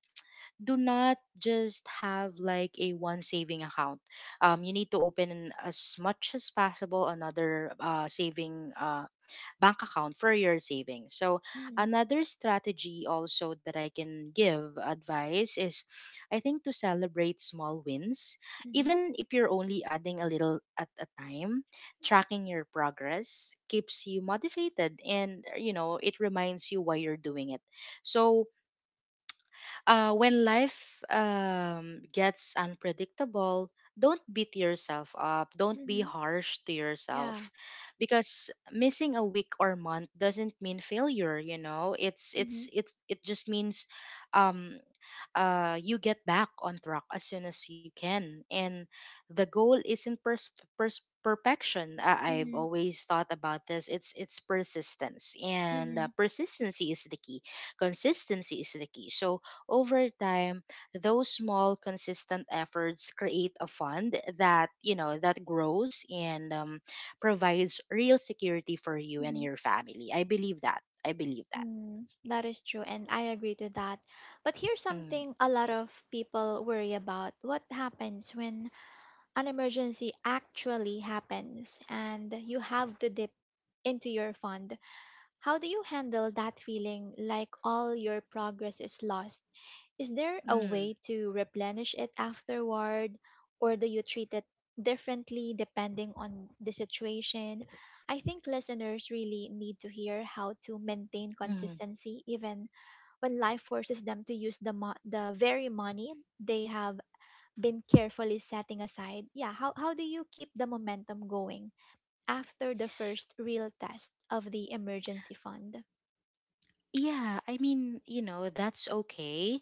do not just have like a one saving account. You need to open as much as possible another saving bank account for your savings. So Mm, another strategy also that I can give advice is, I think, to celebrate small wins, mhm, even if you're only adding a little at a time. Tracking your progress keeps you motivated, and you know, it reminds you why you're doing it. So when life gets unpredictable, don't beat yourself up. Don't be mhm, harsh to yeah. yourself, because missing a week or month doesn't mean failure. You know, Mhm, it's it just means um, you get back on track as soon as you can. And the goal isn't perfection. I've mhm, always thought about this. It's persistence, and mhm, persistency is the key. Consistency is the key. So over time, those small consistent efforts create a fund that you know that grows, and provides real security for you and mhm. your family. I believe that. I believe that. Mm, that is true, and I agree to that. But here's Mm. something a lot of people worry about. What happens when an emergency actually happens and you have to dip into your fund? How do you handle that feeling like all your progress is lost? Is there a Mm. way to replenish it afterward, or do you treat it differently depending on the situation? I think listeners really need to hear how to maintain Mhm. consistency even when life forces them to use the the very money they have been carefully setting aside. Yeah, how do you keep the momentum going after the first real test of the emergency fund? Yeah, I mean, you know, that's okay.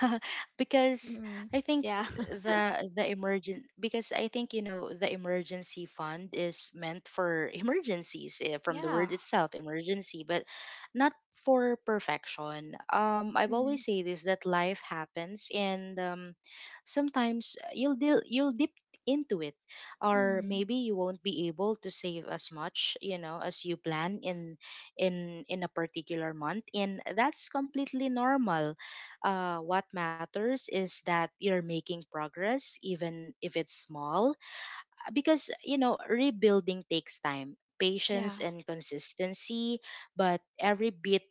Because Mm, I think yeah. I think, you know, the emergency fund is meant for emergencies, from the Yeah. word itself, emergency, but not for perfection. I've Mm, always say this, that life happens, and sometimes you'll dip into it, or mm, maybe you won't be able to save as much, you know, as you plan in in a particular month, and that's completely normal. What matters is that you're making progress, even if it's small, because you know, rebuilding takes time, yeah. patience and consistency. But every bit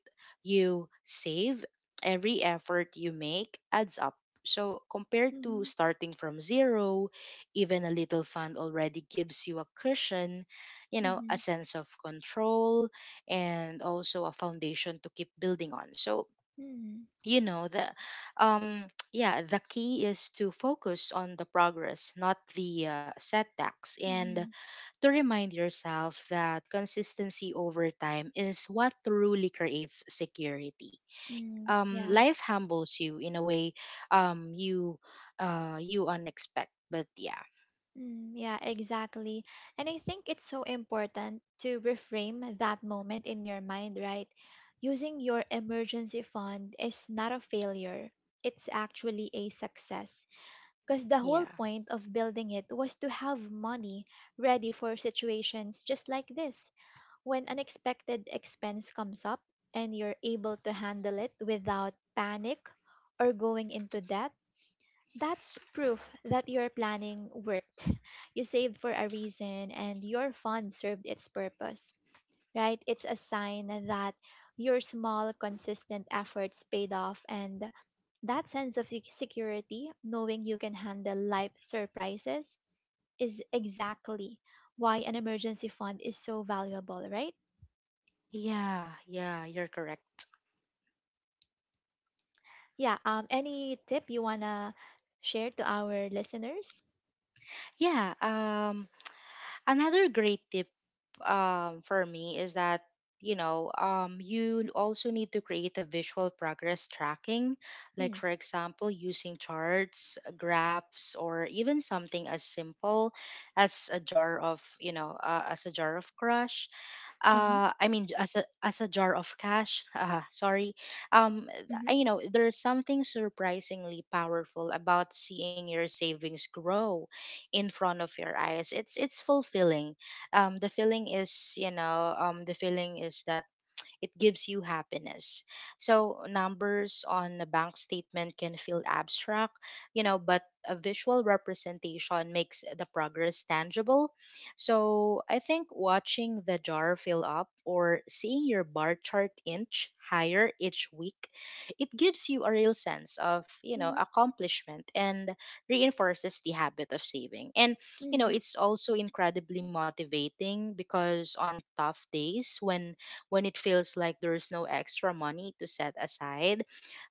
you save, every effort you make, adds up. So compared to Mm-hmm, starting from zero, even a little fund already gives you a cushion, you know, a mm-hmm, sense of control, and also a foundation to keep building on. So mm, you know, the um yeah, the key is to focus on the progress, not the setbacks, and mm-hmm, to remind yourself that consistency over time is what truly creates security. mm, yeah. Life humbles you in a way. um you you unexpect, but yeah. Mm, yeah, exactly. And I think it's so important to reframe that moment in your mind, right? Using your emergency fund is not a failure. It's actually a success. Because the whole Yeah. point of building it was to have money ready for situations just like this. When unexpected expense comes up and you're able to handle it without panic or going into debt, that's proof that your planning worked. You saved for a reason and your fund served its purpose, right? It's a sign that your small, consistent efforts paid off and that sense of security, knowing you can handle life surprises, is exactly why an emergency fund is so valuable, right? Yeah. Yeah, you're correct. Yeah. Any tip you wanna share to our listeners? Yeah. Another great tip, for me, is that you know, you also need to create a visual progress tracking, like Mm. for example using charts, graphs, or even something as simple as a jar of as a jar of crush Uh huh. I mean, as a jar of cash. Sorry. um Mhm. I, you know, there's something surprisingly powerful about seeing your savings grow in front of your eyes. It's fulfilling. The feeling is that it gives you happiness. So numbers on a bank statement can feel abstract, you know, but a visual representation makes the progress tangible. So I think watching the jar fill up or seeing your bar chart inch higher each week, it gives you a real sense of, you know, Mhm. accomplishment, and reinforces the habit of saving. And you Mhm. know, it's also incredibly motivating, because on tough days when it feels like there's no extra money to set aside.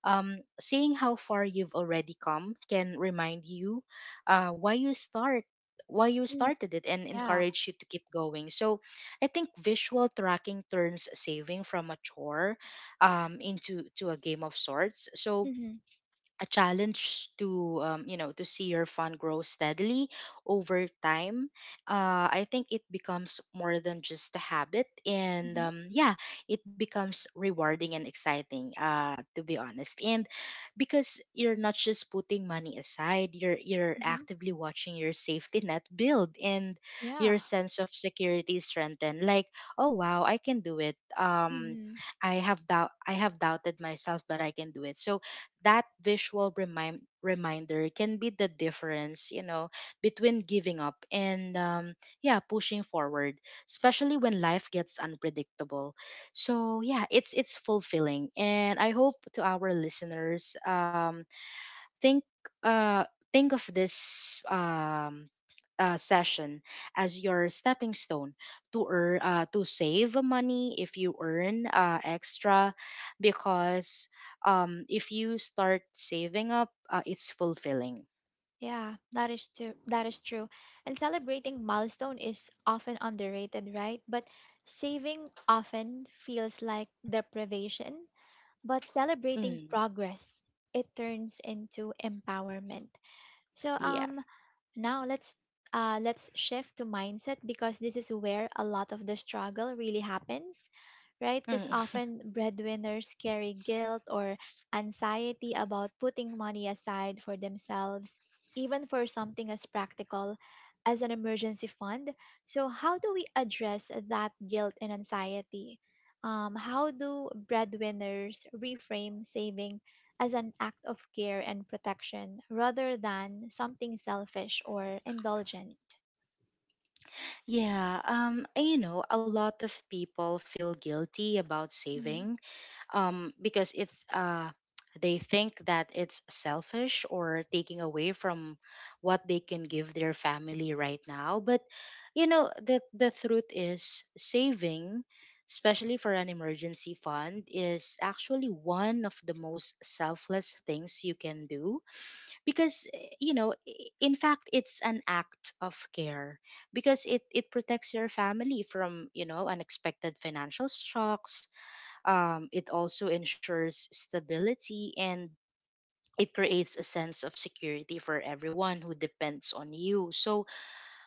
Seeing how far you've already come can remind you uh, why you start why you Mm. started it, and Yeah. encourage you to keep going. So I think visual tracking turns saving from a chore into to a game of sorts. So Mhm. a challenge to you know, to see your fund grow steadily over time. I think it becomes more than just a habit, and Mhm. Yeah, it becomes rewarding and exciting, to be honest. And because you're not just putting money aside, you're Mhm. actively watching your safety net build, and Yeah. your sense of security strengthen, like, oh wow, I can do it. Mhm. I have doubted myself, but I can do it. So that visual reminder can be the difference, you know, between giving up and, yeah, pushing forward, especially when life gets unpredictable. So yeah, it's fulfilling, and I hope to our listeners, think uh think of this session as your stepping stone to earn to save money if you earn extra, because if you start saving up, it's fulfilling. Yeah. That is true. That is true. And celebrating milestone is often underrated, right? But saving often feels like deprivation. But celebrating Mm, progress, it turns into empowerment. So um, yeah. Now let's shift to mindset because this is where a lot of the struggle really happens, right? Because Mm. often breadwinners carry guilt or anxiety about putting money aside for themselves, even for something as practical as an emergency fund. So how do we address that guilt and anxiety? How do breadwinners reframe saving as an act of care and protection rather than something selfish or indulgent? Yeah, and you know, a lot of people feel guilty about Mhm. saving, because if they think that it's selfish or taking away from what they can give their family right now. But you know, the truth is saving, especially for an emergency fund, is actually one of the most selfless things you can do because you know, in fact, it's an act of care because it protects your family from, you know, unexpected financial shocks. It also ensures stability and it creates a sense of security for everyone who depends on you. So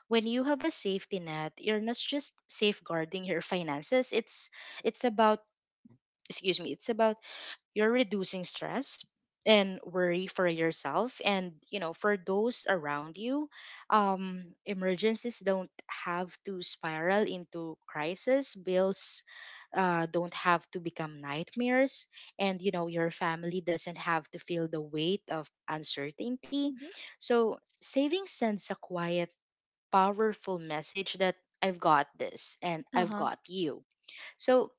when you have a safety net, you're not just safeguarding your finances. It's about, excuse me, it's about, you're reducing stress and worry for yourself and, you know, for those around you. Emergencies don't have to spiral into crisis. Bills don't have to become nightmares, and you know your family doesn't have to feel the weight of uncertainty. Mhm. So saving sends a quiet, powerful message that I've got this and I've Uh-huh. got you. So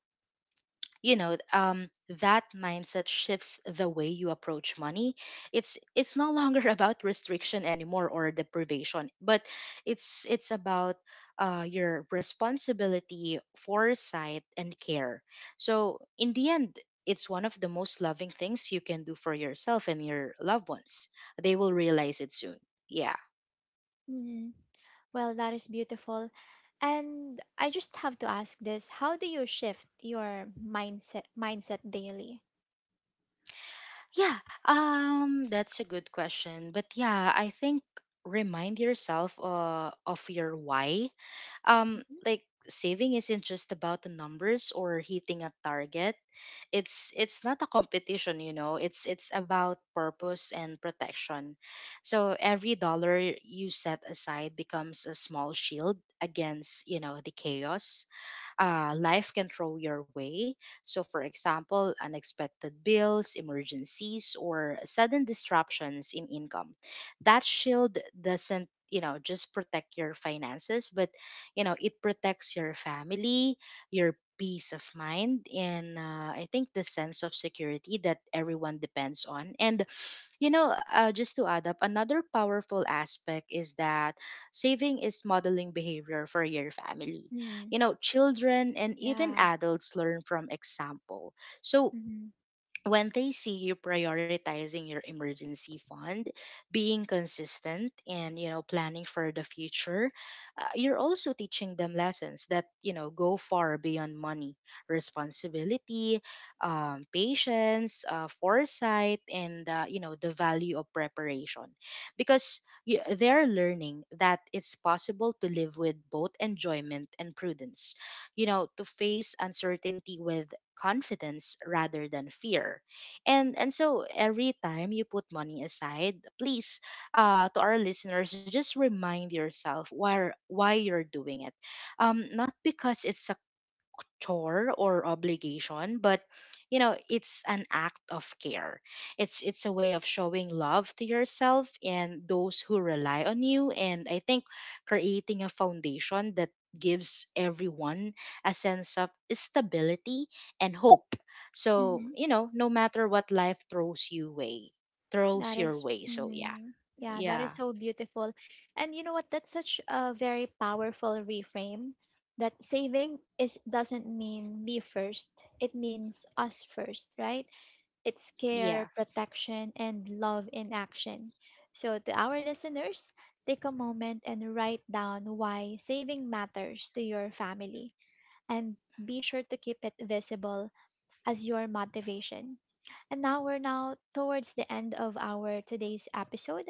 you know um, that mindset shifts the way you approach money. It's no longer about restriction anymore or deprivation, but it's about your responsibility, foresight, and care. So in the end, it's one of the most loving things you can do for yourself and your loved ones. They will realize it soon, yeah. Hmm. Well, that is beautiful. And I just have to ask this, how do you shift your mindset daily? Yeah, that's a good question. But yeah, I think remind yourself of your why. Um, Mhm. like saving isn't just about the numbers or hitting a target. It's not a competition, you know. It's about purpose and protection. So every dollar you set aside becomes a small shield against, you know, the chaos life can throw your way. So, for example, unexpected bills, emergencies, or sudden disruptions in income. That shield doesn't, you know, just protect your finances, but you know it protects your family, your peace of mind, and I think the sense of security that everyone depends on. And just to add up, another powerful aspect is that saving is modeling behavior for your family. Mm, You know, children and even yeah. adults learn from example. So Mm-hmm. when they see you prioritizing your emergency fund, being consistent and, you know, planning for the future, you're also teaching them lessons that, you know, go far beyond money: responsibility, patience, foresight, and you know, the value of preparation, because they're learning that it's possible to live with both enjoyment and prudence, you know, to face uncertainty with confidence rather than fear. And so every time you put money aside, please, to our listeners, just remind yourself why you're doing it. Not because it's chore or obligation, but you know it's an act of care. It's a way of showing love to yourself and those who rely on you, and I think creating a foundation that gives everyone a sense of stability and hope. So Mm-hmm. you know, no matter what life throws That your is, way. So yeah, mm, yeah, that is yeah, so beautiful. And you know what? That's such a very powerful reframe that saving is doesn't mean me first. It means us first, right? It's care, yeah. protection, and love in action. So to our listeners, take a moment and write down why saving matters to your family and be sure to keep it visible as your motivation. And now we're now towards the end of our today's episode,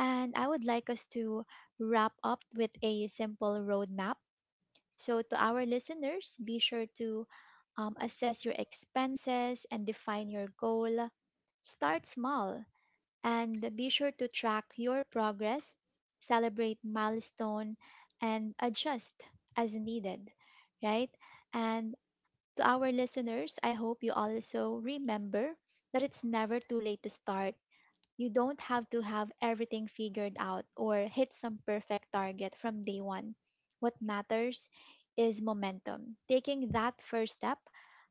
and I would like us to wrap up with a simple roadmap. So, to our listeners, be sure to assess your expenses and define your goal. Start small and be sure to track your progress, celebrate milestone, and adjust as needed, right? And to our listeners, I hope you also remember that it's never too late to start. You don't have to have everything figured out or hit some perfect target from day one. What matters is momentum, taking that first step,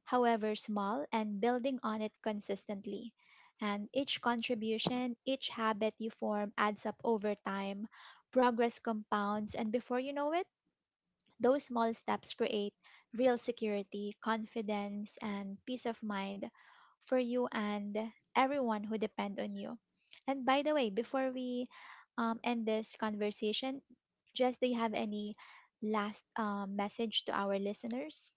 however small, and building on it consistently. And each contribution, each habit you form adds up over time. Progress compounds, and before you know it, those small steps create real security, confidence, and peace of mind for you and everyone who depend on you. And by the way, before we end this conversation, just do you have any last message to our listeners?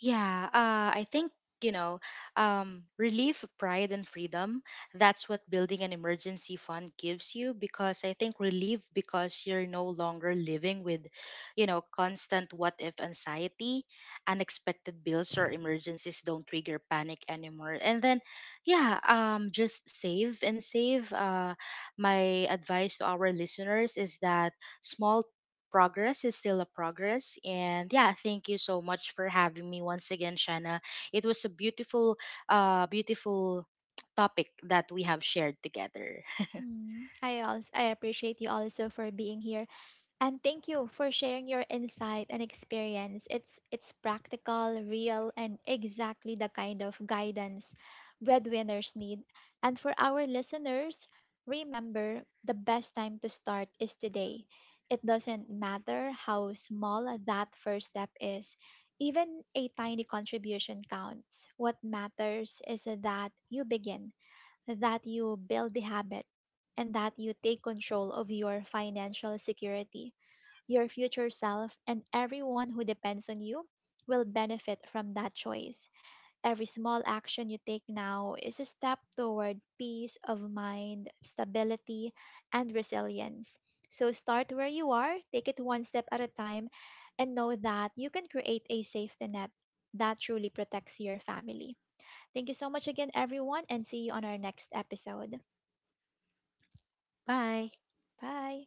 Yeah, I think, you know, relief, pride, and freedom. That's what building an emergency fund gives you, because I think relief because you're no longer living with, you know, constant what if anxiety. Unexpected bills or emergencies don't trigger panic anymore. And then, yeah, just save and save. My advice to our listeners is that small progress is still a progress. And yeah, thank you so much for having me once again, Shanna. It was a beautiful, beautiful topic that we have shared together. Mm, I appreciate you also for being here. And thank you for sharing your insight and experience. It's practical, real, and exactly the kind of guidance breadwinners need. And for our listeners, remember the best time to start is today. It doesn't matter how small that first step is. Even a tiny contribution counts. What matters is that you begin, that you build the habit, and that you take control of your financial security. Your future self and everyone who depends on you will benefit from that choice. Every small action you take now is a step toward peace of mind, stability, and resilience. So start where you are, take it one step at a time, and know that you can create a safety net that truly protects your family. Thank you so much again, everyone, and see you on our next episode. Bye. Bye.